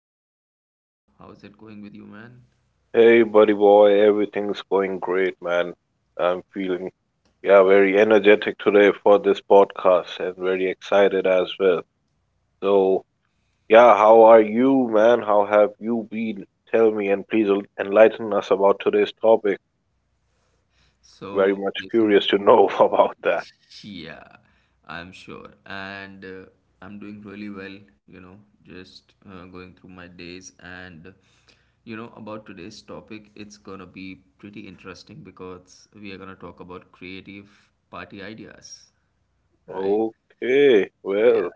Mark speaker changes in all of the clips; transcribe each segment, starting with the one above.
Speaker 1: to another episode. How's it going with you, man?
Speaker 2: Hey, buddy boy, everything's going great, man. I'm feeling, yeah, very energetic today for this podcast and very excited as well. So, yeah, how are you, man? How have you been? Tell me and please enlighten us about today's topic. Very
Speaker 1: So,
Speaker 2: much curious
Speaker 1: Jason,
Speaker 2: to know about that.
Speaker 1: yeah, I'm sure. And I'm doing really well, you know, just going through my days. And, you know, about today's topic, it's gonna be pretty interesting because we are gonna talk about creative party ideas, right?
Speaker 2: Okay,
Speaker 1: Yeah.
Speaker 2: well,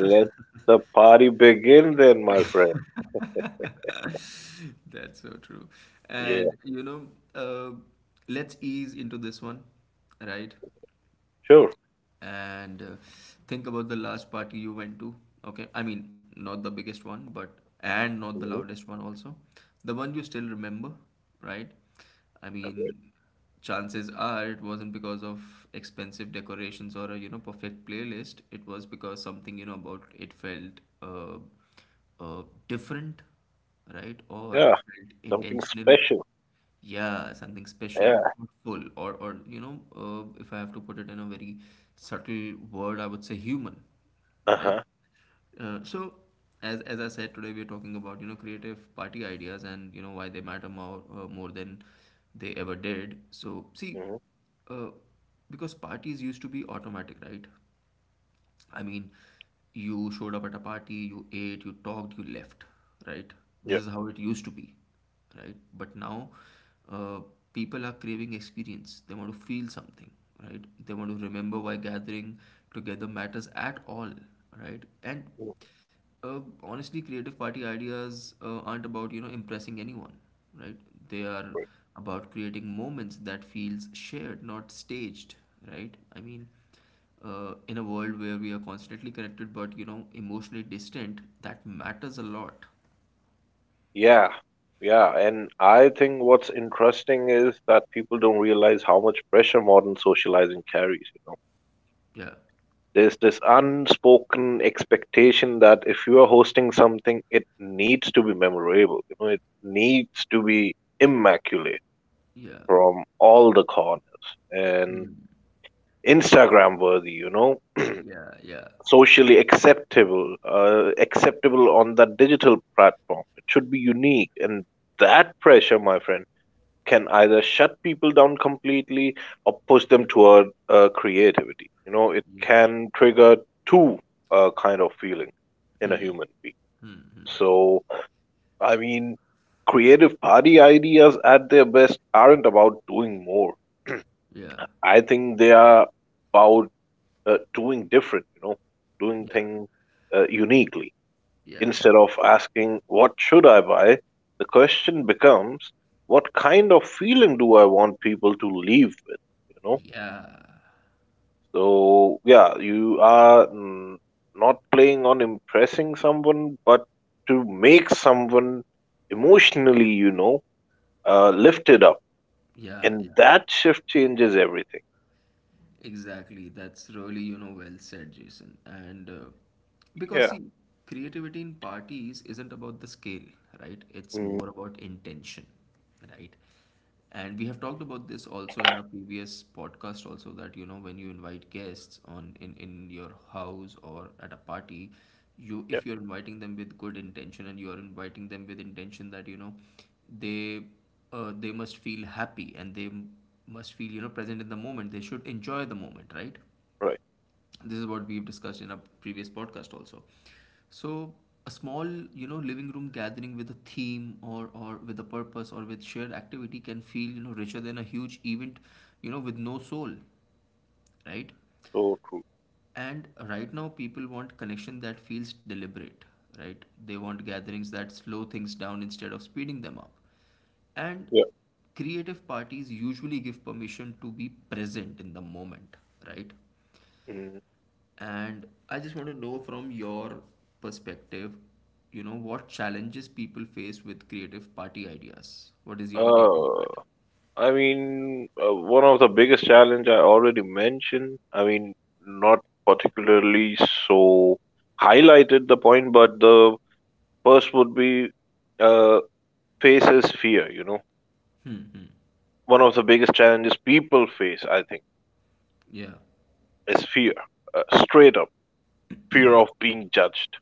Speaker 2: the party begin then, my friend.
Speaker 1: That's so true.
Speaker 2: Yeah,
Speaker 1: And you know, uh, let's ease into this one, right?
Speaker 2: sure.
Speaker 1: And think about the last party you went to. Okay, I mean, not the biggest one, but and not the
Speaker 2: Hmm.
Speaker 1: loudest one also, the one you still remember, right? I
Speaker 2: Okay.
Speaker 1: mean, chances are it wasn't because of expensive decorations or a, you know, perfect playlist. It was because something, you know, about it felt different, right? Or
Speaker 2: Yeah,
Speaker 1: it felt
Speaker 2: something
Speaker 1: intentional.
Speaker 2: special.
Speaker 1: Yeah, something special,
Speaker 2: Yeah.
Speaker 1: thoughtful, or you know, if I have to put it in a very subtle word, I would say human, right?
Speaker 2: Uh-huh.
Speaker 1: So, as I said, today we're talking about, you know, creative party ideas and, you know, why they matter more than they ever did. So, see,
Speaker 2: Hmm.
Speaker 1: uh, because parties used to be automatic, right? I mean, you showed up at a party, you ate, you talked, you left, right? This
Speaker 2: Yeah.
Speaker 1: is how it used to be, right? But now, uh, people are craving experience. They want to feel something, right? They want to remember why gathering together matters at all, right? And
Speaker 2: Mm-hmm.
Speaker 1: uh, honestly, creative party ideas aren't about, you know, impressing anyone, right? They are about creating moments that feels shared, not staged, right? I mean, in a world where we are constantly connected but, you know, emotionally distant, that matters a lot.
Speaker 2: Yeah, yeah, and I think what's interesting is that people don't realize how much pressure modern socializing carries, you know.
Speaker 1: Yeah,
Speaker 2: There's this unspoken expectation that if you are hosting something, it needs to be memorable, you know, it needs to be immaculate
Speaker 1: yeah,
Speaker 2: from all the corners and
Speaker 1: hmm.
Speaker 2: Instagram worthy, you know,
Speaker 1: Yeah, yeah,
Speaker 2: socially acceptable, acceptable on that digital platform. It should be unique, and that pressure, my friend, can either shut people down completely or push them toward creativity. You know, it
Speaker 1: yeah,
Speaker 2: can trigger two kind of feeling in a
Speaker 1: hmm,
Speaker 2: human being.
Speaker 1: hmm, hmm.
Speaker 2: So, I mean, Creative party ideas at their best aren't about doing more.
Speaker 1: Yeah,
Speaker 2: I think they are about doing different. You know, doing
Speaker 1: yeah,
Speaker 2: things uniquely.
Speaker 1: yeah,
Speaker 2: Instead of asking, "What should I buy?" the question becomes, "What kind of feeling do I want people to leave with?" You know?
Speaker 1: yeah,
Speaker 2: So, yeah, you are not playing on impressing someone, but to make someone emotionally, you know, lifted up.
Speaker 1: yeah,
Speaker 2: And
Speaker 1: yeah.
Speaker 2: that shift changes everything.
Speaker 1: Exactly. That's really, you know, well said, Jason. And because,
Speaker 2: Yeah.
Speaker 1: see, creativity in parties isn't about the scale, right? It's
Speaker 2: Mm,
Speaker 1: more about intention, right? And we have talked about this also in our previous podcast, also that, you know, when you invite guests on in your house or at a party, you,
Speaker 2: yeah.
Speaker 1: if you're inviting them with good intention and you are inviting them with intention that, you know, they they must feel happy, and they must feel, you know, present in the moment. They should enjoy the moment, right?
Speaker 2: Right.
Speaker 1: This is what we've discussed in our previous podcast also. So a small, you know, living room gathering with a theme, or with a purpose or with shared activity can feel, you know, richer than a huge event, you know, with no soul, right?
Speaker 2: So true.
Speaker 1: And right now, people want connection that feels deliberate, right? They want gatherings that slow things down instead of speeding them up. And
Speaker 2: Yeah.
Speaker 1: creative parties usually give permission to be present in the moment, right?
Speaker 2: Mm.
Speaker 1: And I just want to know from your perspective, you know, what challenges people face with creative party ideas? What is your take on
Speaker 2: Uh,
Speaker 1: that?
Speaker 2: One of the biggest challenge I already mentioned. I mean, not particularly so highlighted the point, but the first would be uh, faces fear. You know,
Speaker 1: Hmm,
Speaker 2: one of the biggest challenges people face, I think,
Speaker 1: yeah,
Speaker 2: is fear. Straight up, fear of being judged,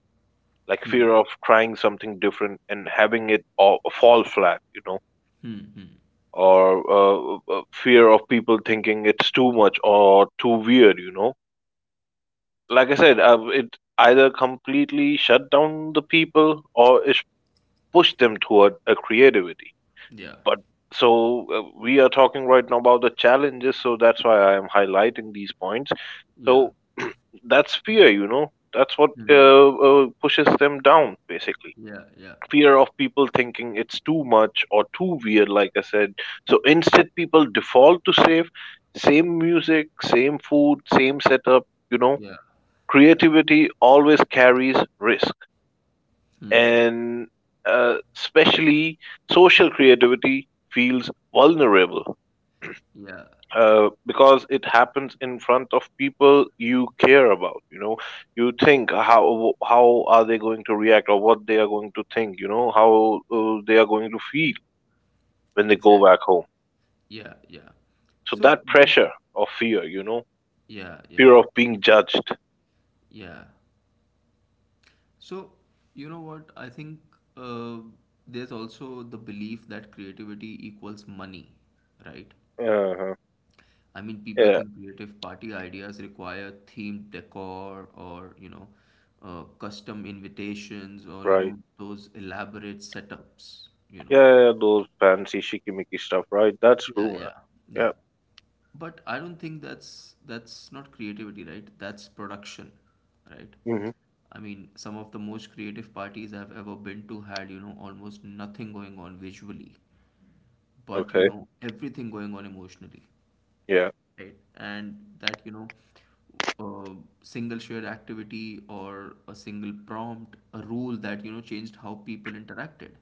Speaker 2: like fear of trying something different and having it all fall flat. You know,
Speaker 1: hmm,
Speaker 2: or fear of people thinking it's too much or too weird. You know, like I said, it either completely shut down the people or it pushed them toward a creativity.
Speaker 1: yeah,
Speaker 2: But so We are talking right now about the challenges, so that's why I am highlighting these points.
Speaker 1: yeah,
Speaker 2: So that's fear, you know. That's what
Speaker 1: hmm,
Speaker 2: pushes them down, basically.
Speaker 1: yeah, yeah,
Speaker 2: Fear of people thinking it's too much or too weird, like I said. So instead, people default to safe, same music, same food, same setup, you know,
Speaker 1: yeah, yeah,
Speaker 2: creativity always carries risk,
Speaker 1: hmm.
Speaker 2: and especially social creativity feels vulnerable
Speaker 1: Yeah,
Speaker 2: because it happens in front of people you care about. You know, you think how are they going to react or what they are going to think. You know, how they are going to feel when they go
Speaker 1: exactly.
Speaker 2: back home.
Speaker 1: Yeah, yeah.
Speaker 2: So
Speaker 1: So
Speaker 2: that
Speaker 1: there's,
Speaker 2: pressure of fear, you know,
Speaker 1: yeah, yeah,
Speaker 2: fear of being judged.
Speaker 1: yeah. So you know what? I think uh, there's also the belief that creativity equals money, right?
Speaker 2: Uh-huh.
Speaker 1: I mean, people
Speaker 2: Yeah,
Speaker 1: think creative party ideas require themed decor or, you know, custom invitations or, you
Speaker 2: right.
Speaker 1: know, those elaborate setups, you
Speaker 2: Yeah,
Speaker 1: know.
Speaker 2: yeah, yeah, those fancy shikimiki stuff, right? That's true,
Speaker 1: Yeah,
Speaker 2: man.
Speaker 1: yeah,
Speaker 2: Yeah.
Speaker 1: yeah. But I don't think that's not creativity, right? That's production, right?
Speaker 2: Hmm.
Speaker 1: I mean, some of the most creative parties I've ever been to had, you know, almost nothing going on visually, but you
Speaker 2: Okay.
Speaker 1: know, everything going on emotionally,
Speaker 2: Yeah.
Speaker 1: right? And that, you know, a single shared activity or a single prompt, a rule that, you know, changed how people interacted,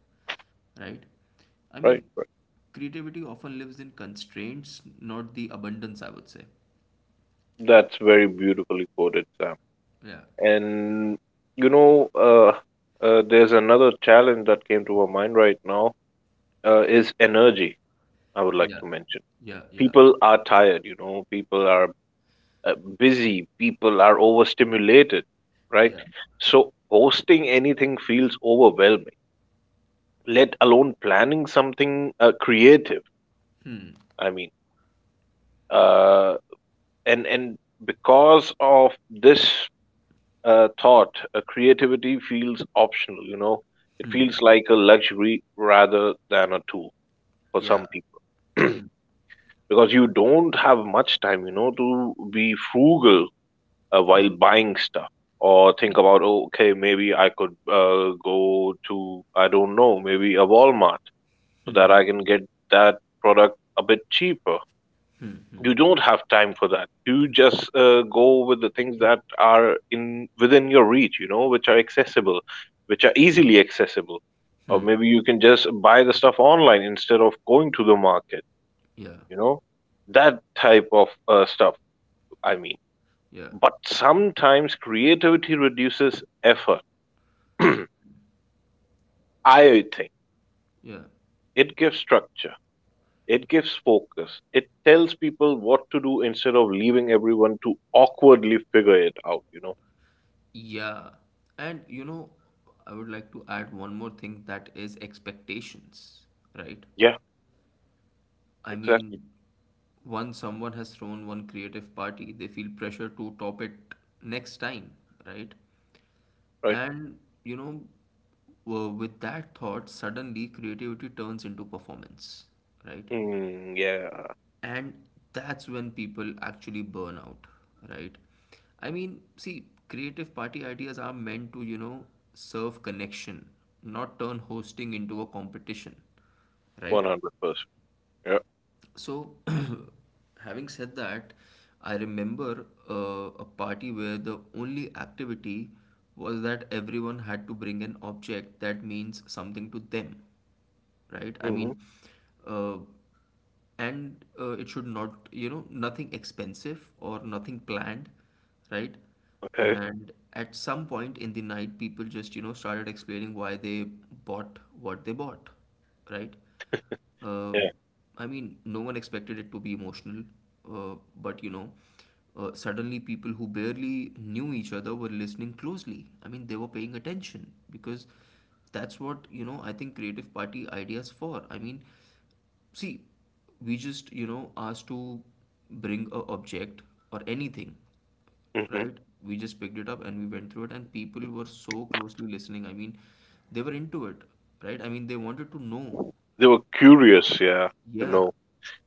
Speaker 1: right? I
Speaker 2: Right.
Speaker 1: mean,
Speaker 2: Right.
Speaker 1: creativity often lives in constraints, not the abundance, I would say.
Speaker 2: That's very beautifully quoted, Sam.
Speaker 1: Yeah,
Speaker 2: And you know, there's another challenge that came to my mind right now. Is energy. I would like
Speaker 1: yeah,
Speaker 2: to mention.
Speaker 1: yeah, yeah,
Speaker 2: People are tired. You know, people are busy. People are overstimulated. Right.
Speaker 1: yeah,
Speaker 2: So hosting anything feels overwhelming. Let alone planning something creative.
Speaker 1: hmm,
Speaker 2: I mean. Uh, and Because of this thought, creativity feels optional. You know, it
Speaker 1: hmm,
Speaker 2: feels like a luxury rather than a tool for
Speaker 1: yeah,
Speaker 2: some people,
Speaker 1: hmm,
Speaker 2: because you don't have much time, you know, to be frugal while
Speaker 1: hmm,
Speaker 2: buying stuff. Or think about, oh, okay, maybe I could go to, I don't know, maybe a Walmart so
Speaker 1: hmm,
Speaker 2: that I can
Speaker 1: hmm,
Speaker 2: get that product a bit cheaper.
Speaker 1: hmm, hmm,
Speaker 2: You don't have time for that. You just go with the things that are in within your reach, you know, which are accessible, which are easily accessible. Or
Speaker 1: hmm.
Speaker 2: maybe you can just buy the stuff online instead of going to the market,
Speaker 1: Yeah,
Speaker 2: you know, that type of stuff. I mean,
Speaker 1: yeah,
Speaker 2: but sometimes creativity reduces effort. I think
Speaker 1: yeah.
Speaker 2: it gives structure, it gives focus, it tells people what to do instead of leaving everyone to awkwardly figure it out, you know.
Speaker 1: Yeah. And you know, I would like to add one more thing, that is expectations, right?
Speaker 2: Yeah.
Speaker 1: I
Speaker 2: Exactly.
Speaker 1: mean, once someone has thrown one creative party, they feel pressure to top it next time, right?
Speaker 2: Right.
Speaker 1: And you know, with that thought, suddenly creativity turns into performance, right?
Speaker 2: Mm, yeah,
Speaker 1: And that's when people actually burn out, right? I mean, see, creative party ideas are meant to, you know, serve connection, not turn hosting into a competition, right?
Speaker 2: 100%. Yeah.
Speaker 1: So, having said that, I remember a party where the only activity was that everyone had to bring an object that means something to them, right? I
Speaker 2: Hmm.
Speaker 1: mean, uh, and uh, it should not, you know, nothing expensive or nothing planned, right?
Speaker 2: Okay.
Speaker 1: And at some point in the night, people just, you know, started explaining why they bought what they bought, right? Um,
Speaker 2: Yeah.
Speaker 1: I mean, no one expected it to be emotional, uh, but you know, suddenly people who barely knew each other were listening closely. I mean, they were paying attention because that's what, you know, I think creative party ideas for. I mean, see, we just, you know, asked to bring a object or anything,
Speaker 2: Hmm.
Speaker 1: right? We just picked it up and we went through it, and people were so closely listening. I mean, they were into it, right? I mean, they wanted to know,
Speaker 2: They were
Speaker 1: right?
Speaker 2: curious, yeah, to
Speaker 1: Yeah.
Speaker 2: know.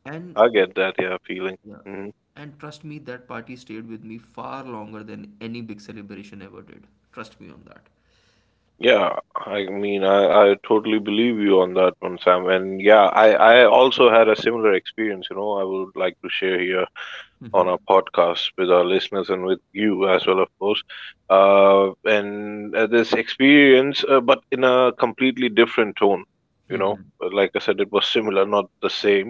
Speaker 1: And
Speaker 2: I get that, yeah, feeling.
Speaker 1: yeah.
Speaker 2: Hmm.
Speaker 1: And trust me, that party stayed with me far longer than any big celebration ever did. Trust me on that.
Speaker 2: Yeah, I mean, I totally believe you on that one, Sam. And yeah, I also had a similar experience, you know, I would like to share here on
Speaker 1: Hmm,
Speaker 2: our podcast with our listeners and with you as well, of course. And This experience, but in a completely different tone, you know.
Speaker 1: hmm.
Speaker 2: Like I said, it was similar, not the same.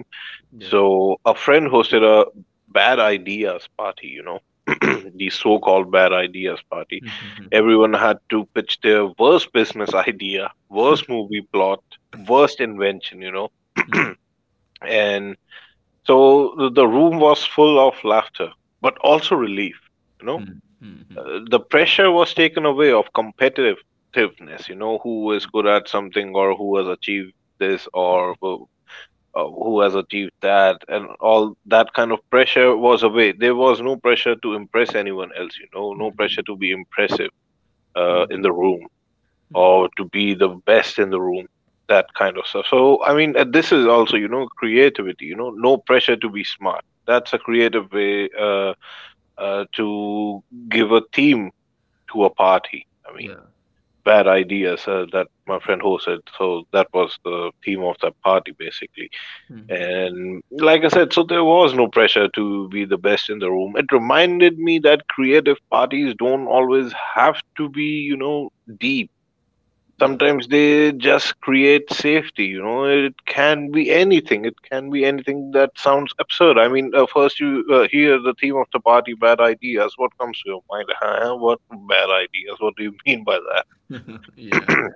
Speaker 1: Yeah.
Speaker 2: So a friend hosted a bad ideas party, you know,
Speaker 1: Okay.
Speaker 2: the so-called bad ideas party.
Speaker 1: Mm-hmm.
Speaker 2: Everyone had to pitch their worst business idea, worst movie plot, worst invention, you know. And so the room was full of laughter, but also relief. You know, the pressure was taken away of competitiveness. You know, who is good at something or who has achieved this or who has achieved that, and all that kind of pressure was away. There was no pressure to impress anyone else. You know, no pressure to be impressive in the room or to be the best in the room, that kind of stuff. So I mean, this is also, you know, creativity, you know, no pressure to be smart. That's a creative way to give a theme to a party. I mean,
Speaker 1: Yeah.
Speaker 2: bad ideas that my friend hosted, so that was the theme of that party, basically.
Speaker 1: Hmm.
Speaker 2: And like I said, so there was no pressure to be the best in the room. It reminded me that creative parties don't always have to be, you know, deep.
Speaker 1: Yeah.
Speaker 2: Sometimes they just create safety, you know. It can be anything. It can be anything that sounds absurd. I mean, first you hear the theme of the party, bad ideas. What comes to your mind? Huh? What bad ideas? What do you mean by that?
Speaker 1: Yeah. Yeah.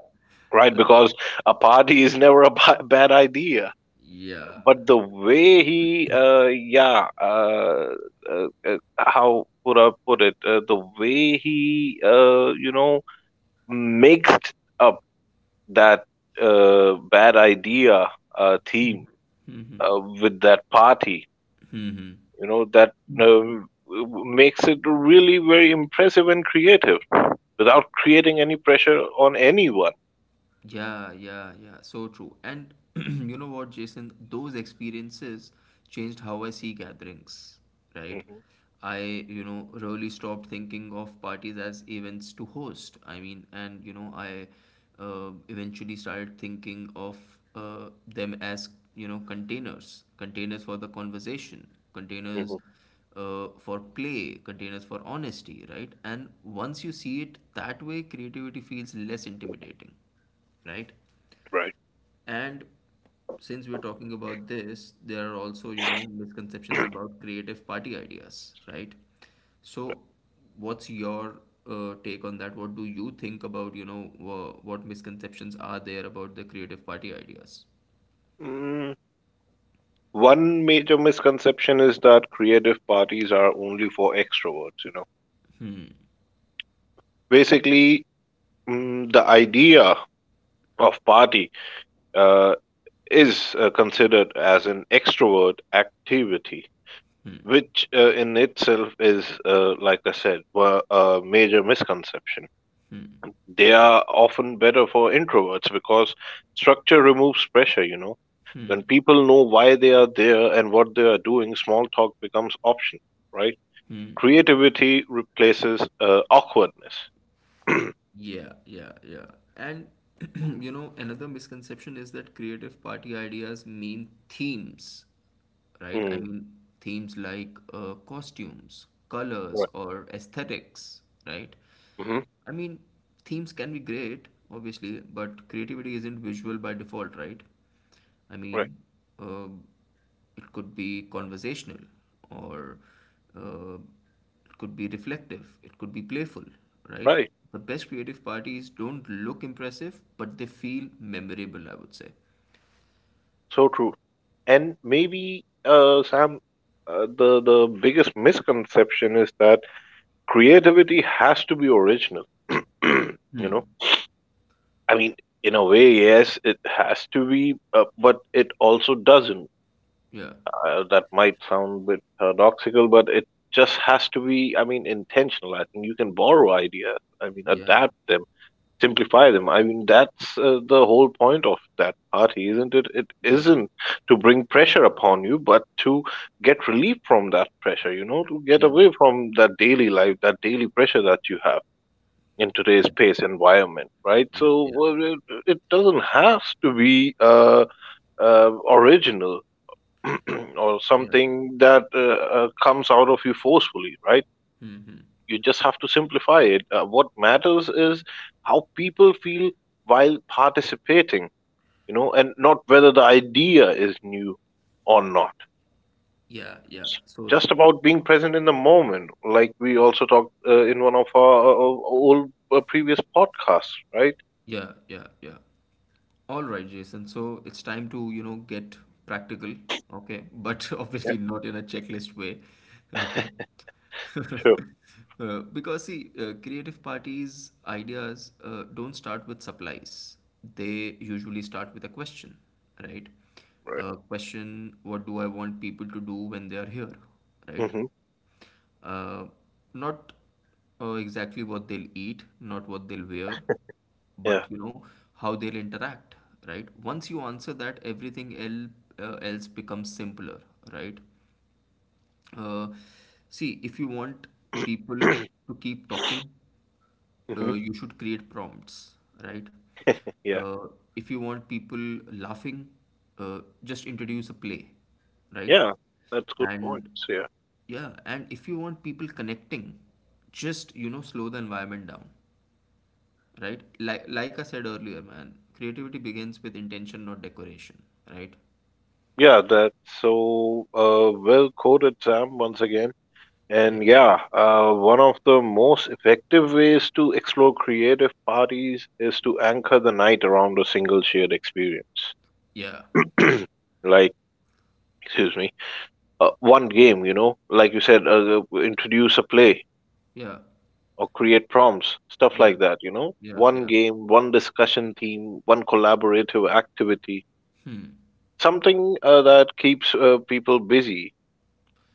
Speaker 2: Right?
Speaker 1: I,
Speaker 2: Because a party is never a bad idea.
Speaker 1: yeah.
Speaker 2: But the way he, how would I put it? The way he, you know, mixed a that bad idea theme
Speaker 1: Hmm,
Speaker 2: with that party,
Speaker 1: hmm.
Speaker 2: you know, that um, makes it really very impressive and creative without creating any pressure on anyone.
Speaker 1: Yeah, yeah, yeah. So true. And you know what, Jason? Those experiences changed how I see gatherings, right?
Speaker 2: Hmm.
Speaker 1: I, you know, really stopped thinking of parties as events to host. I mean, and, you know, I eventually started thinking of them as, you know, containers, containers for the conversation, containers
Speaker 2: Hmm.
Speaker 1: for play, containers for honesty, right? And once you see it that way, creativity feels less intimidating, right?
Speaker 2: Right.
Speaker 1: And since we're talking about this, there are also, you know, misconceptions about creative party ideas, right? So, what's your take on that? What do you think about, you know, what misconceptions are there about the creative party ideas?
Speaker 2: Mm, one major misconception is that creative parties are only for extroverts, you know.
Speaker 1: Hmm,
Speaker 2: Basically, the idea of party uh, is considered as an extrovert activity,
Speaker 1: hmm,
Speaker 2: which in itself is, like I said, a major misconception.
Speaker 1: hmm,
Speaker 2: They are often better for introverts because structure removes pressure, you know. When
Speaker 1: hmm,
Speaker 2: people know why they are there and what they are doing, small talk becomes optional, right?
Speaker 1: hmm.
Speaker 2: Creativity replaces awkwardness.
Speaker 1: Yeah, yeah, yeah. And you know, another misconception is that creative party ideas mean themes, right? I
Speaker 2: Mm,
Speaker 1: mean, themes like costumes, colors,
Speaker 2: right.
Speaker 1: or aesthetics, right?
Speaker 2: Hmm,
Speaker 1: I mean, themes can be great, obviously, but creativity isn't visual by default, right? I
Speaker 2: right.
Speaker 1: mean, uh, it could be conversational, or uh, it could be reflective, it could be playful, right?
Speaker 2: Right.
Speaker 1: The best creative parties don't look impressive, but they feel memorable, I would say.
Speaker 2: So true. And maybe, Sam, the biggest misconception is that creativity has to be original. You
Speaker 1: Hmm.
Speaker 2: know, I mean, in a way, yes, it has to be, but it also doesn't.
Speaker 1: Yeah.
Speaker 2: That might sound a bit paradoxical, but it just has to be. I mean, intentional. I think you can borrow ideas. I mean,
Speaker 1: Yeah.
Speaker 2: adapt them, simplify them. I mean, that's the whole point of that party, isn't it? It
Speaker 1: Yeah.
Speaker 2: isn't to bring pressure upon you, but to get relief from that pressure, you know, to get
Speaker 1: Yeah.
Speaker 2: away from that daily life, that daily pressure that you have in today's
Speaker 1: Yeah.
Speaker 2: space environment, right?
Speaker 1: Yeah.
Speaker 2: So
Speaker 1: Yeah.
Speaker 2: well, it doesn't have to be original or
Speaker 1: Yeah.
Speaker 2: something that comes out of you forcefully, right?
Speaker 1: Mm-hmm.
Speaker 2: You just have to simplify it. What matters is how people feel while participating, you know, and not whether the idea is new or not.
Speaker 1: Yeah. Yeah. So
Speaker 2: Just
Speaker 1: true.
Speaker 2: about being present in the moment, like we also talked in one of our old previous podcasts, right?
Speaker 1: Yeah, yeah, yeah. All right, Jason. So it's time to, you know, get practical, okay? But
Speaker 2: Yeah,
Speaker 1: obviously not in a checklist way, okay?
Speaker 2: sure.
Speaker 1: Because, see, creative parties' ideas don't start with supplies. They usually start with a question, right?
Speaker 2: Right.
Speaker 1: A question, what do I want people to do when they are here, right?
Speaker 2: Hmm.
Speaker 1: Uh, not exactly what they'll eat, not what they'll wear,
Speaker 2: Yeah.
Speaker 1: but you know how they'll interact, right? Once you answer that, everything el else becomes simpler, right? Uh, See, if you want people to keep talking,
Speaker 2: Hmm.
Speaker 1: you should create prompts, right?
Speaker 2: Yeah.
Speaker 1: Uh, if you want people laughing, just introduce a play, right?
Speaker 2: Yeah. That's good
Speaker 1: And
Speaker 2: points. Yeah.
Speaker 1: yeah, and if you want people connecting, just, you know, slow the environment down, right? Like I said earlier, man, creativity begins with intention, not decoration, right?
Speaker 2: Yeah. That's so well quoted, Sam. Once again. And
Speaker 1: Yeah.
Speaker 2: yeah, one of the most effective ways to explore creative parties is to anchor the night around a single shared experience.
Speaker 1: Yeah.
Speaker 2: Like, excuse me, one game, you know, like you said, introduce a play
Speaker 1: Yeah.
Speaker 2: or create prompts, stuff
Speaker 1: Yeah.
Speaker 2: like that, you know,
Speaker 1: Yeah.
Speaker 2: one
Speaker 1: Yeah.
Speaker 2: game, one discussion theme, one collaborative activity,
Speaker 1: Hmm.
Speaker 2: something that keeps people busy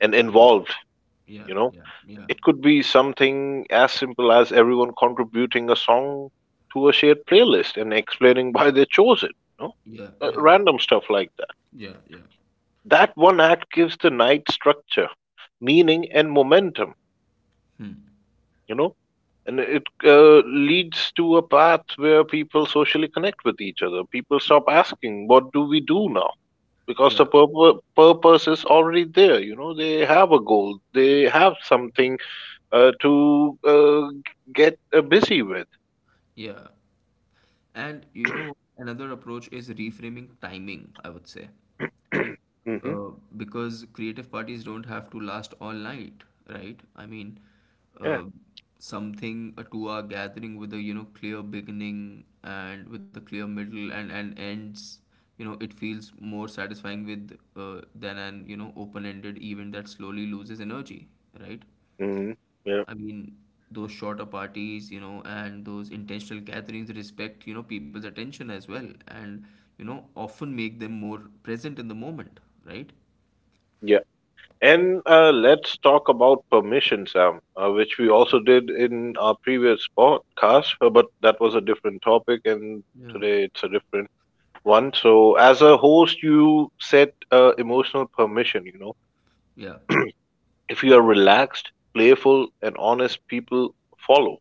Speaker 2: and
Speaker 1: Yeah.
Speaker 2: involved,
Speaker 1: Yeah.
Speaker 2: you know.
Speaker 1: Yeah. Yeah.
Speaker 2: It could be something as simple as everyone contributing a song to a shared playlist and explaining why they chose it, you know?
Speaker 1: Yeah. Yeah.
Speaker 2: Random stuff like that.
Speaker 1: Yeah. Yeah.
Speaker 2: That one act gives the night structure, meaning, and momentum,
Speaker 1: Hmm.
Speaker 2: you know? And it leads to a path where people socially connect with each other. People stop asking, what do we do now? Because
Speaker 1: Yeah,
Speaker 2: the purpose is already there, you know? They have a goal, they have something to get busy with.
Speaker 1: yeah. And you know, another approach is reframing timing, I would say.
Speaker 2: Mm-hmm.
Speaker 1: Uh, because creative parties don't have to last all night, right? I mean,
Speaker 2: Yeah.
Speaker 1: uh, something, a two-hour gathering with a, you know, clear beginning and with a clear middle and ends, you know, it feels more satisfying with than an, you know, open-ended event that slowly loses energy, right?
Speaker 2: Mm-hmm. Yeah.
Speaker 1: I mean, those shorter parties, you know, and those intentional gatherings respect, you know, people's attention as well, and, you know, often make them more present in the moment, right?
Speaker 2: Yeah. And let's talk about permission, Sam, which we also did in our previous podcast, but that was a different topic, and
Speaker 1: Yeah,
Speaker 2: today it's a different one. So, as a host, you set emotional permission, you know.
Speaker 1: yeah,
Speaker 2: If you are relaxed, playful, and honest, people follow.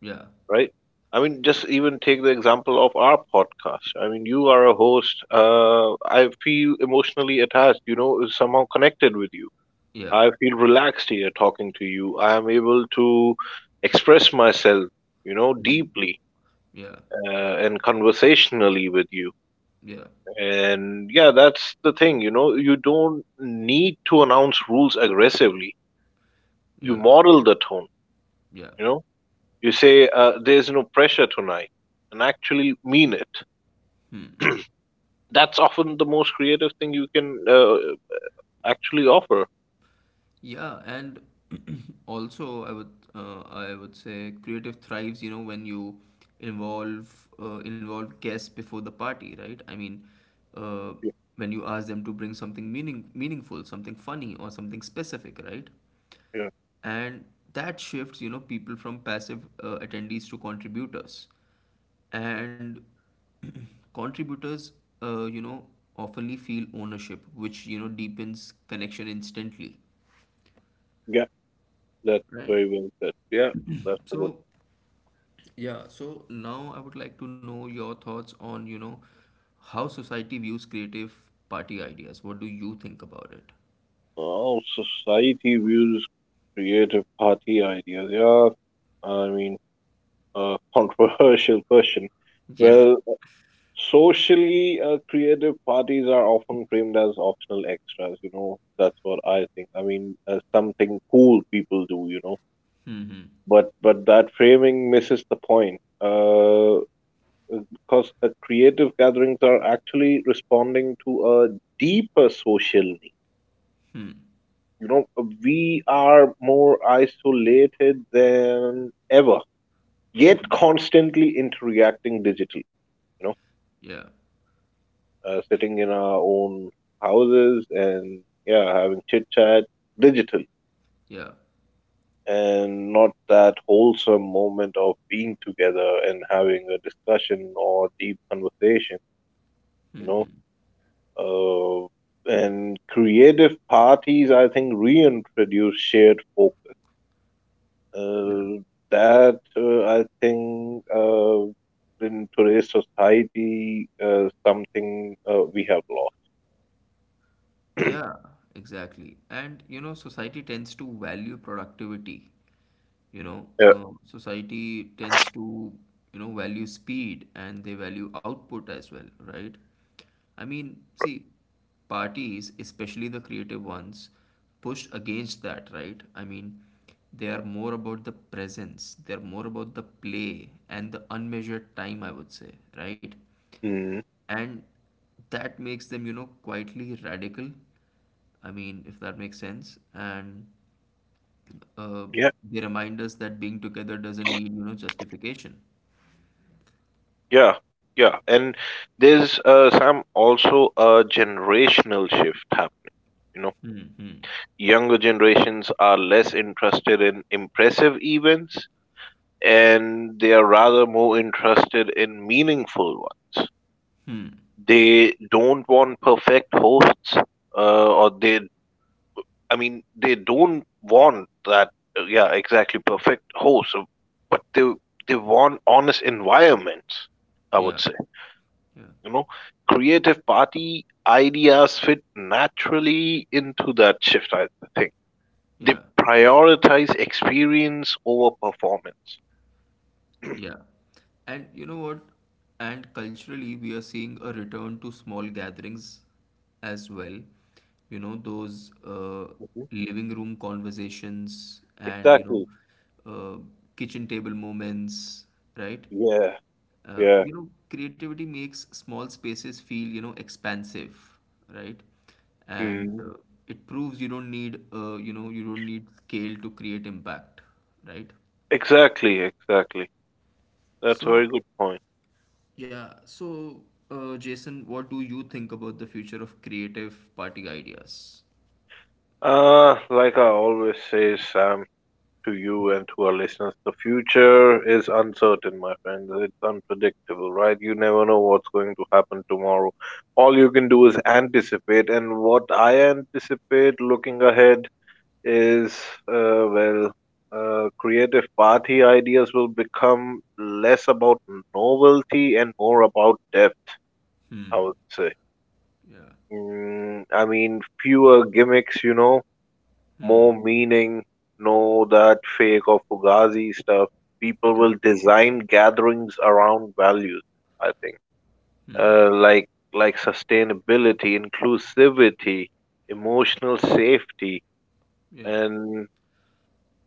Speaker 1: yeah,
Speaker 2: Right? I mean, just even take the example of our podcast. I mean, you are a host. I feel emotionally attached, you know, somehow connected with you.
Speaker 1: yeah,
Speaker 2: I feel relaxed here talking to you. I am able to express myself, you know,
Speaker 1: hmm.
Speaker 2: deeply
Speaker 1: Yeah,
Speaker 2: and conversationally with you.
Speaker 1: yeah,
Speaker 2: And yeah, that's the thing, you know, you don't need to announce rules aggressively. You
Speaker 1: yeah,
Speaker 2: model the tone,
Speaker 1: yeah.
Speaker 2: you know, you say, there's no pressure tonight, and actually mean it.
Speaker 1: Hmm.
Speaker 2: That's often the most creative thing you can actually offer.
Speaker 1: Yeah, and also I would say creative thrives, you know, when you involve guests before the party, right? I mean, uh,
Speaker 2: Yeah,
Speaker 1: when you ask them to bring something meaningful, something funny or something specific, right?
Speaker 2: yeah,
Speaker 1: And that shifts, you know, people from passive attendees to contributors. And contributors, you know, oftenly feel ownership, which, you know, deepens connection instantly.
Speaker 2: yeah. That's
Speaker 1: Right.
Speaker 2: very well said. Yeah, that's a good.
Speaker 1: So, yeah, so now I would like to know your thoughts on, you know, how society views creative party ideas. What do you think about it?
Speaker 2: Oh, society views creative party ideas. Yeah, I mean, controversial question.
Speaker 1: Yeah.
Speaker 2: Well, socially, creative parties are often framed as optional extras. You know, that's what I think. I mean, something cool people do. You know,
Speaker 1: Mm-hmm.
Speaker 2: but that framing misses the point. Because creative gatherings are actually responding to a deeper social need.
Speaker 1: Hmm.
Speaker 2: You know, we are more isolated than ever, yet constantly interacting digitally. You know,
Speaker 1: Yeah.
Speaker 2: sitting in our own houses and yeah, having chit chat digitally,
Speaker 1: Yeah.
Speaker 2: and not that wholesome moment of being together and having a discussion or deep conversation. You know,
Speaker 1: Mm-hmm.
Speaker 2: Uh, and creative parties, I think, reintroduce shared focus.
Speaker 1: Yeah.
Speaker 2: Uh, that I think in today's society, something we have lost.
Speaker 1: Yeah, exactly. And you know, society tends to value productivity. You know,
Speaker 2: Yeah.
Speaker 1: uh, society tends to, you know, value speed and they value output as well, right? I mean, see, parties, especially the creative ones, pushed against that, right? I mean, they are more about the presence, they're more about the play and the unmeasured time, I would say, right?
Speaker 2: Mm.
Speaker 1: And that makes them, you know, quietly radical, I mean, if that makes sense. And uh,
Speaker 2: Yeah.
Speaker 1: they remind us that being together doesn't need, you know, justification.
Speaker 2: Yeah. Yeah. And there's some also a generational shift happening. You know,
Speaker 1: Hmm. Hmm.
Speaker 2: younger generations are less interested in impressive events and they are rather more interested in meaningful ones.
Speaker 1: Hmm.
Speaker 2: They don't want perfect hosts, uh, or they, I mean, they don't want that, yeah, exactly perfect hosts, but they want honest environments. I
Speaker 1: Yeah.
Speaker 2: would say,
Speaker 1: Yeah.
Speaker 2: you know, creative party ideas fit naturally into that shift. I think
Speaker 1: Yeah.
Speaker 2: they prioritize experience over performance.
Speaker 1: Yeah. And you know what? And culturally, we are seeing a return to small gatherings as well. You know, those
Speaker 2: Mhm.
Speaker 1: living room conversations and, You know,
Speaker 2: Exactly.
Speaker 1: uh, kitchen table moments, right?
Speaker 2: Yeah. Yeah.
Speaker 1: You know, creativity makes small spaces feel, you know, expansive, right? And
Speaker 2: Mm,
Speaker 1: it proves you don't need, you know, you don't need scale to create impact, right?
Speaker 2: exactly, exactly. That's a very
Speaker 1: So,
Speaker 2: good point.
Speaker 1: yeah. So, Jason, what do you think about the future of creative party ideas?
Speaker 2: Like I always say, Sam, to you and to our listeners, the future is uncertain, my friends. It's unpredictable, right? You never know what's going to happen tomorrow. All you can do is anticipate, and what I anticipate looking ahead is, well, creative party ideas will become less about novelty and more about depth, I
Speaker 1: Hmm.
Speaker 2: would say.
Speaker 1: Yeah.
Speaker 2: Mm, I mean, fewer gimmicks, you know,
Speaker 1: Hmm.
Speaker 2: more meaning. No, that fake or fugazi stuff. People
Speaker 1: Yeah.
Speaker 2: will design gatherings around values, I think.
Speaker 1: Hmm.
Speaker 2: Like sustainability, inclusivity, emotional safety,
Speaker 1: Yeah.
Speaker 2: and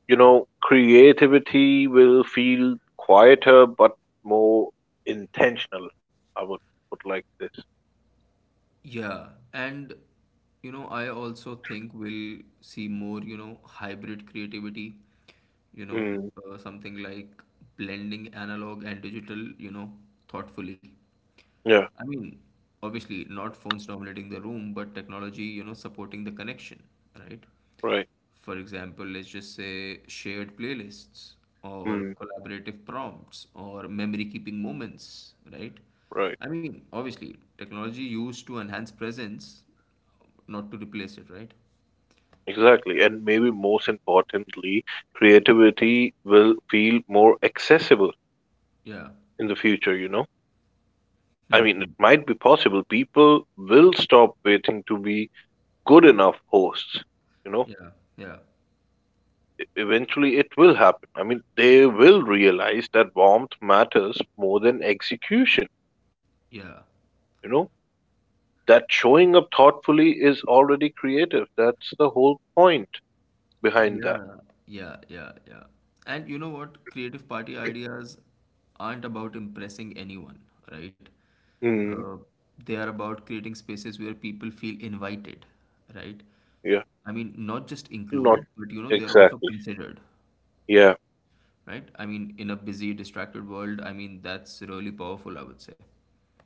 Speaker 2: you know, creativity will feel quieter but more intentional. I would put like this.
Speaker 1: Yeah. And, you know, I also think we'll see more, you know, hybrid creativity, you know,
Speaker 2: Mm,
Speaker 1: something like blending analog and digital, you know, thoughtfully.
Speaker 2: yeah,
Speaker 1: I mean, obviously, not phones dominating the room, but technology, you know, supporting the connection, right?
Speaker 2: right,
Speaker 1: For example, let's just say shared playlists or
Speaker 2: mm,
Speaker 1: collaborative prompts or memory keeping moments, right?
Speaker 2: right.
Speaker 1: I mean, obviously, technology used to enhance presence, not to replace it, right?
Speaker 2: Exactly, and maybe most importantly, creativity will feel more accessible
Speaker 1: Yeah,
Speaker 2: in the future, you know? I mean, it might be possible people will stop waiting to be good enough hosts. You know,
Speaker 1: yeah, yeah,
Speaker 2: Eventually it will happen. I mean, they will realize that warmth matters more than execution,
Speaker 1: yeah.
Speaker 2: you know? That showing up thoughtfully is already creative. That's the whole point behind that.
Speaker 1: Yeah, yeah, yeah, yeah. And you know what? Creative party ideas aren't about impressing anyone, right?
Speaker 2: Mm,
Speaker 1: Uh, they are about creating spaces where people feel invited, right?
Speaker 2: yeah,
Speaker 1: I mean, not just
Speaker 2: not
Speaker 1: included, but you know, they're also
Speaker 2: exactly.
Speaker 1: considered,
Speaker 2: Yeah.
Speaker 1: right? I mean, in a busy, distracted world, I mean, that's really powerful, I would say.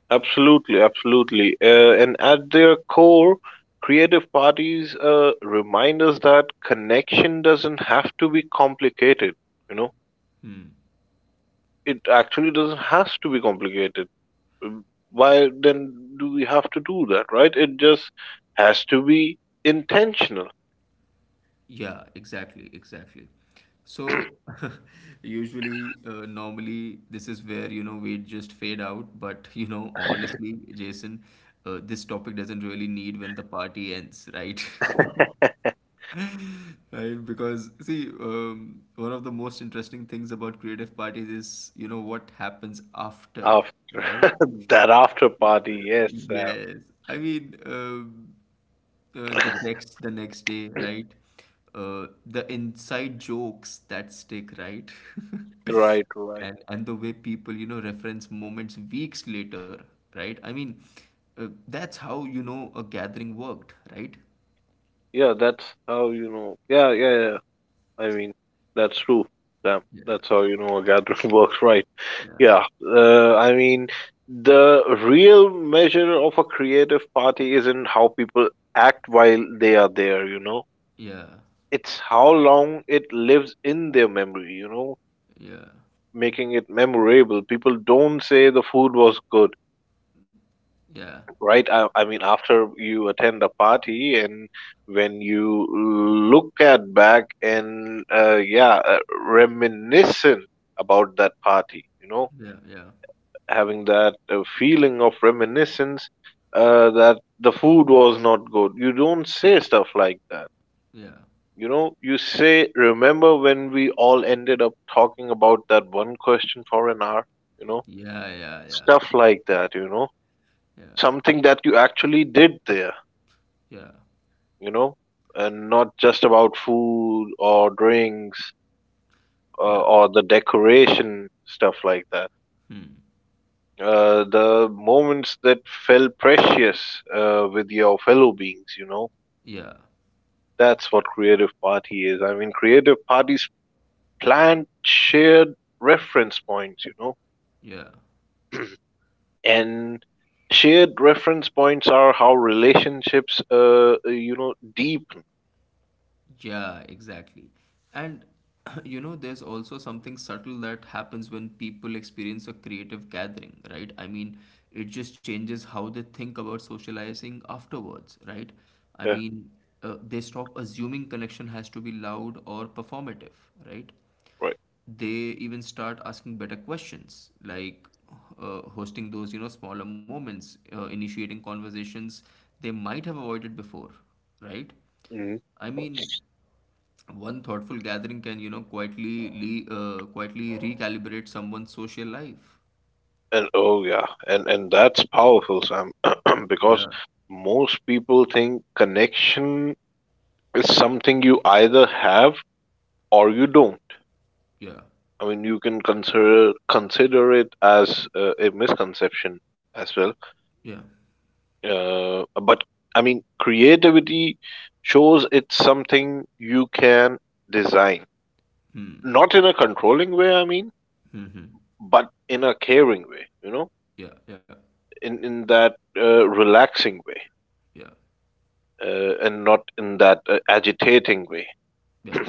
Speaker 2: Absolutely, absolutely. And at their core, creative parties remind us that connection doesn't have to be complicated. You know,
Speaker 1: Hmm.
Speaker 2: it actually doesn't has to be complicated. Um, Why then do we have to do that, right? It just has to be intentional
Speaker 1: Yeah, exactly, exactly. So usually, normally, this is where you know we just fade out. But you know, honestly, Jason, this topic doesn't really need when the party ends, right? Right, because see, one of the most interesting things about creative parties is you know what happens after,
Speaker 2: after
Speaker 1: right?
Speaker 2: that after party. Yes, Sam.
Speaker 1: Yes, I mean. The next day, right? The inside jokes that stick, right?
Speaker 2: Right, right.
Speaker 1: And the way people, you know, reference moments weeks later, right? I mean, that's how you know a gathering worked, right?
Speaker 2: Yeah, that's how you know. Yeah, yeah, yeah. I mean, that's true, Sam.
Speaker 1: Yeah,
Speaker 2: That's how you know a gathering works, right?
Speaker 1: yeah,
Speaker 2: Yeah, I mean, the real measure of a creative party isn't how people act while they are there, you know.
Speaker 1: yeah,
Speaker 2: It's how long it lives in their memory, you know,
Speaker 1: yeah,
Speaker 2: making it memorable. People don't say the food was good,
Speaker 1: yeah,
Speaker 2: right? I mean, after you attend a party and when you look at back and, yeah, reminiscent about that party, you know,
Speaker 1: yeah,
Speaker 2: having that feeling of reminiscence that the food was not good. You don't say stuff like that.
Speaker 1: yeah,
Speaker 2: You know, you say, remember when we all ended up talking about that one question for an hour? You know,
Speaker 1: yeah, yeah, yeah,
Speaker 2: stuff like that, you know,
Speaker 1: yeah,
Speaker 2: something that you actually did there,
Speaker 1: yeah, yeah,
Speaker 2: you know, and not just about food or drinks
Speaker 1: yeah.
Speaker 2: or the decoration, stuff like that.
Speaker 1: Hmm.
Speaker 2: The moments that felt precious with your fellow beings, you know.
Speaker 1: Yeah,
Speaker 2: That's what Creative Party is. I mean, Creative Parties planned shared reference points, you know.
Speaker 1: yeah.
Speaker 2: And shared reference points are how relationships, you know, deepen.
Speaker 1: Yeah, exactly. And you know, there's also something subtle that happens when people experience a creative gathering, right? I mean, it just changes how they think about socializing afterwards, right? I
Speaker 2: Yeah,
Speaker 1: mean, they stop assuming connection has to be loud or performative, right?
Speaker 2: right.
Speaker 1: They even start asking better questions like, hosting those, you know, smaller moments, initiating conversations they might have avoided before, right?
Speaker 2: Hmm.
Speaker 1: I mean, one thoughtful gathering can, you know, quietly quietly recalibrate someone's social life.
Speaker 2: And oh yeah, and that's powerful, Sam,
Speaker 1: Yeah.
Speaker 2: because most people think connection is something you either have or you don't.
Speaker 1: Yeah.
Speaker 2: I mean, you can consider it as a misconception as well.
Speaker 1: Yeah.
Speaker 2: But I mean, creativity shows it's something you can design,
Speaker 1: Hmm.
Speaker 2: not in a controlling way. I mean,
Speaker 1: Hmm.
Speaker 2: but in a caring way. You know,
Speaker 1: Yeah. Yeah.
Speaker 2: in that relaxing way,
Speaker 1: Yeah.
Speaker 2: and not in that agitating way.
Speaker 1: Yeah.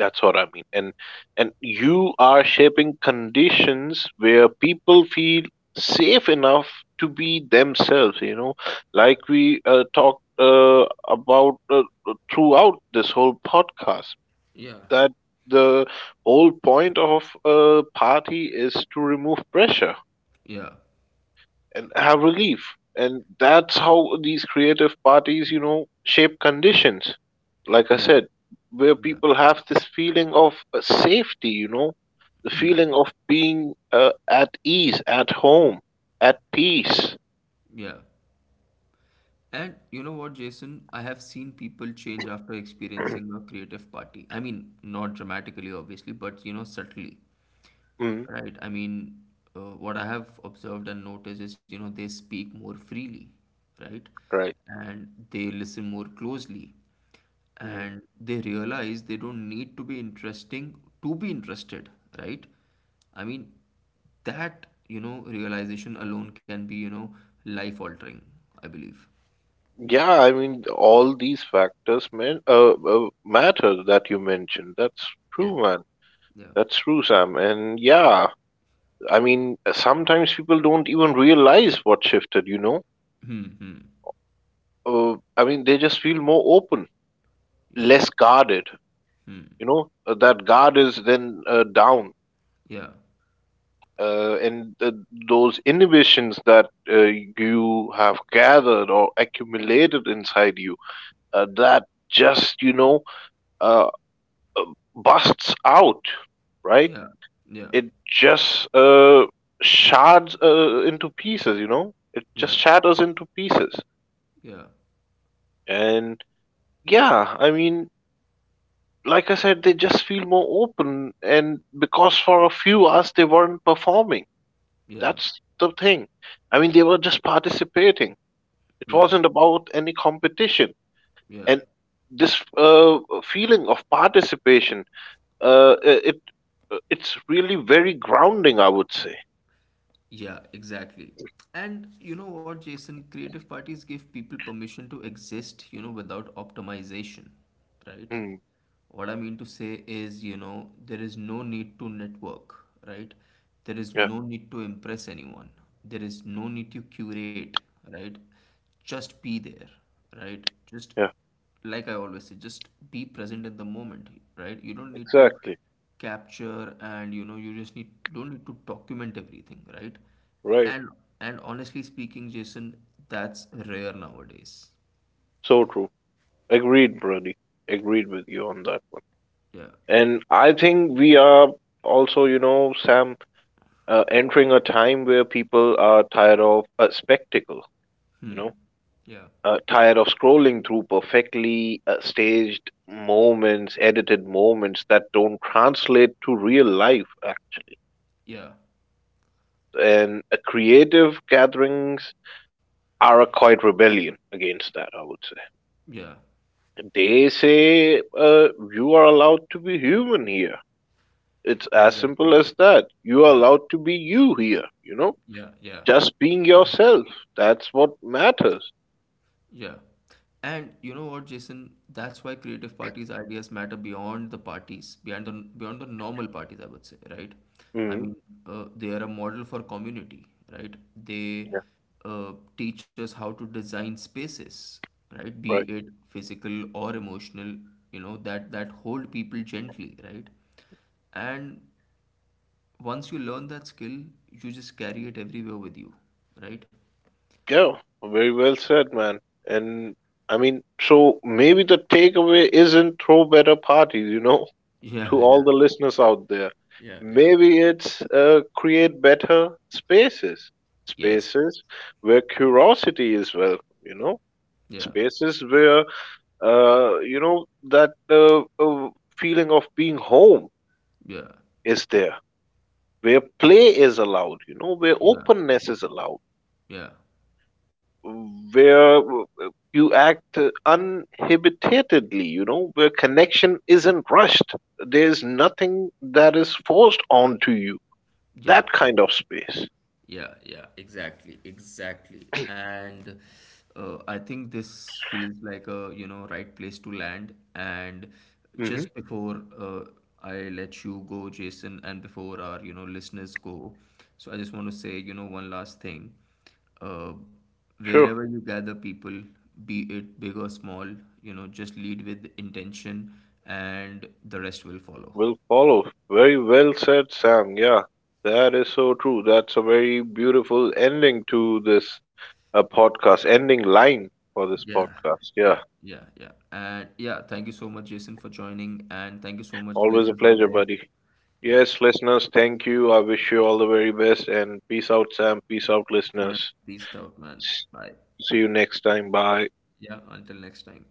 Speaker 2: That's what I mean. And you are shaping conditions where people feel safe enough to be themselves, you know, like we talked about throughout this whole podcast
Speaker 1: Yeah.
Speaker 2: that the whole point of a party is to remove pressure
Speaker 1: Yeah.
Speaker 2: and have relief. And that's how these creative parties, you know, shape conditions. Like I
Speaker 1: Yeah.
Speaker 2: said, where
Speaker 1: Yeah.
Speaker 2: people have this feeling of safety, you know, the
Speaker 1: Hmm.
Speaker 2: feeling of being at ease, at home, at peace.
Speaker 1: Yeah. And you know what, Jason? I have seen people change after experiencing a creative party. I mean, not dramatically, obviously, but you know, subtly,
Speaker 2: Mm,
Speaker 1: right? I mean, what I have observed and noticed is, you know, they speak more freely, right?
Speaker 2: right.
Speaker 1: And they listen more closely.
Speaker 2: Mm.
Speaker 1: And they realize they don't need to be interesting to be interested, right? I mean, that, you know, realization alone can be, you know, life altering, I believe.
Speaker 2: Yeah, I mean, all these factors matter that you mentioned. That's
Speaker 1: Yeah.
Speaker 2: true, man.
Speaker 1: Yeah.
Speaker 2: That's true, Sam. And yeah, I mean, sometimes people don't even realize what shifted, you know?
Speaker 1: Hmm. Hmm.
Speaker 2: I mean, they just feel more open,
Speaker 1: Yeah.
Speaker 2: less guarded.
Speaker 1: Hmm.
Speaker 2: You know, that guard is then down,
Speaker 1: Yeah.
Speaker 2: and those inhibitions that you have gathered or accumulated inside you, that just you know uh, uh, busts out, right?
Speaker 1: Yeah. Yeah.
Speaker 2: It just shards into pieces. You know, it
Speaker 1: Yeah.
Speaker 2: just shatters into pieces,
Speaker 1: Yeah.
Speaker 2: and yeah, I mean, like I said, they just feel more open. And because for a few hours they weren't performing,
Speaker 1: Yeah.
Speaker 2: that's the thing. I mean, they were just participating. It
Speaker 1: Yeah.
Speaker 2: wasn't about any competition.
Speaker 1: Yeah.
Speaker 2: And this feeling of participation, it it's really very grounding, I would say.
Speaker 1: Yeah, exactly. And you know what, Jason? Creative parties give people permission to exist, you know, without optimization, right?
Speaker 2: Hmm.
Speaker 1: What I mean to say is, you know, there is no need to network, right? There is
Speaker 2: Yeah,
Speaker 1: no need to impress anyone. There is no need to curate, right? Just be there, right? Just
Speaker 2: yeah,
Speaker 1: like I always say, just be present in the moment, right? You don't need to
Speaker 2: exactly.
Speaker 1: capture and you know you just need don't need to document everything, right?
Speaker 2: Right.
Speaker 1: And and honestly speaking, Jason, that's rare nowadays.
Speaker 2: So true. Agreed, Brady. Agreed with you on that one.
Speaker 1: Yeah.
Speaker 2: And I think we are also, you know, Sam, entering a time where people are tired of a spectacle, you
Speaker 1: Hmm.
Speaker 2: know,
Speaker 1: Yeah.
Speaker 2: tired of scrolling through perfectly staged moments, edited moments that don't translate to real life. uh,
Speaker 1: Yeah.
Speaker 2: And uh, creative gatherings are a quite rebellion against that, I would say.
Speaker 1: Yeah.
Speaker 2: They say, you are allowed to be human here. It's as simple
Speaker 1: Exactly.
Speaker 2: as that. You are allowed to be you here, you know?
Speaker 1: Yeah. Yeah.
Speaker 2: Just being yourself. That's what matters.
Speaker 1: Yeah. And you know what, Jason? That's why creative parties' ideas matter beyond the parties, beyond the normal parties, I would say, right? I
Speaker 2: Mm.
Speaker 1: mean, they are a model for community, right? They teach us how to design spaces, right? Be
Speaker 2: Right.
Speaker 1: it physical or emotional, you know, that hold people gently, right? And once you learn that skill, you just carry it everywhere with you, right?
Speaker 2: Yeah, very well said, man. And I mean, so maybe the takeaway isn't throw better parties, you know, to
Speaker 1: Yeah, yeah.
Speaker 2: all the listeners out there.
Speaker 1: Yeah, yeah.
Speaker 2: Maybe it's create better spaces,
Speaker 1: Yes.
Speaker 2: spaces where curiosity is welcome, you know,
Speaker 1: Yeah,
Speaker 2: spaces where, you know, that feeling of being home
Speaker 1: yeah,
Speaker 2: is there, where play is allowed, you know, where
Speaker 1: yeah,
Speaker 2: openness is allowed,
Speaker 1: yeah,
Speaker 2: where you act uninhibitedly, you know, where connection isn't rushed. There's nothing that is forced onto you.
Speaker 1: yeah,
Speaker 2: That
Speaker 1: yeah,
Speaker 2: kind of space.
Speaker 1: yeah, yeah, exactly, exactly. And I think this feels like a, you know, right place to land. And
Speaker 2: Hmm.
Speaker 1: just before I let you go, Jason, and before our, you know, listeners go, so I just want to say, you know, one last thing. Uh,
Speaker 2: Sure,
Speaker 1: wherever you gather people, be it big or small, you know, just lead with intention and the rest will follow.
Speaker 2: will follow. Very well said, Sam. Yeah, that is so true. That's a very beautiful ending to this podcast, ending line for this
Speaker 1: Yeah,
Speaker 2: podcast. Yeah,
Speaker 1: yeah, yeah, yeah. And yeah, thank you so much, Jason, for joining. And thank you so much,
Speaker 2: always a
Speaker 1: listeners out
Speaker 2: pleasure,
Speaker 1: there.
Speaker 2: buddy.
Speaker 1: Yeah,
Speaker 2: Yes, listeners, thank you. I wish you all the very best and peace out, Sam. Peace out,
Speaker 1: yeah.
Speaker 2: listeners.
Speaker 1: Peace out, man. Bye.
Speaker 2: See you next time. Bye.
Speaker 1: Yeah, until next time.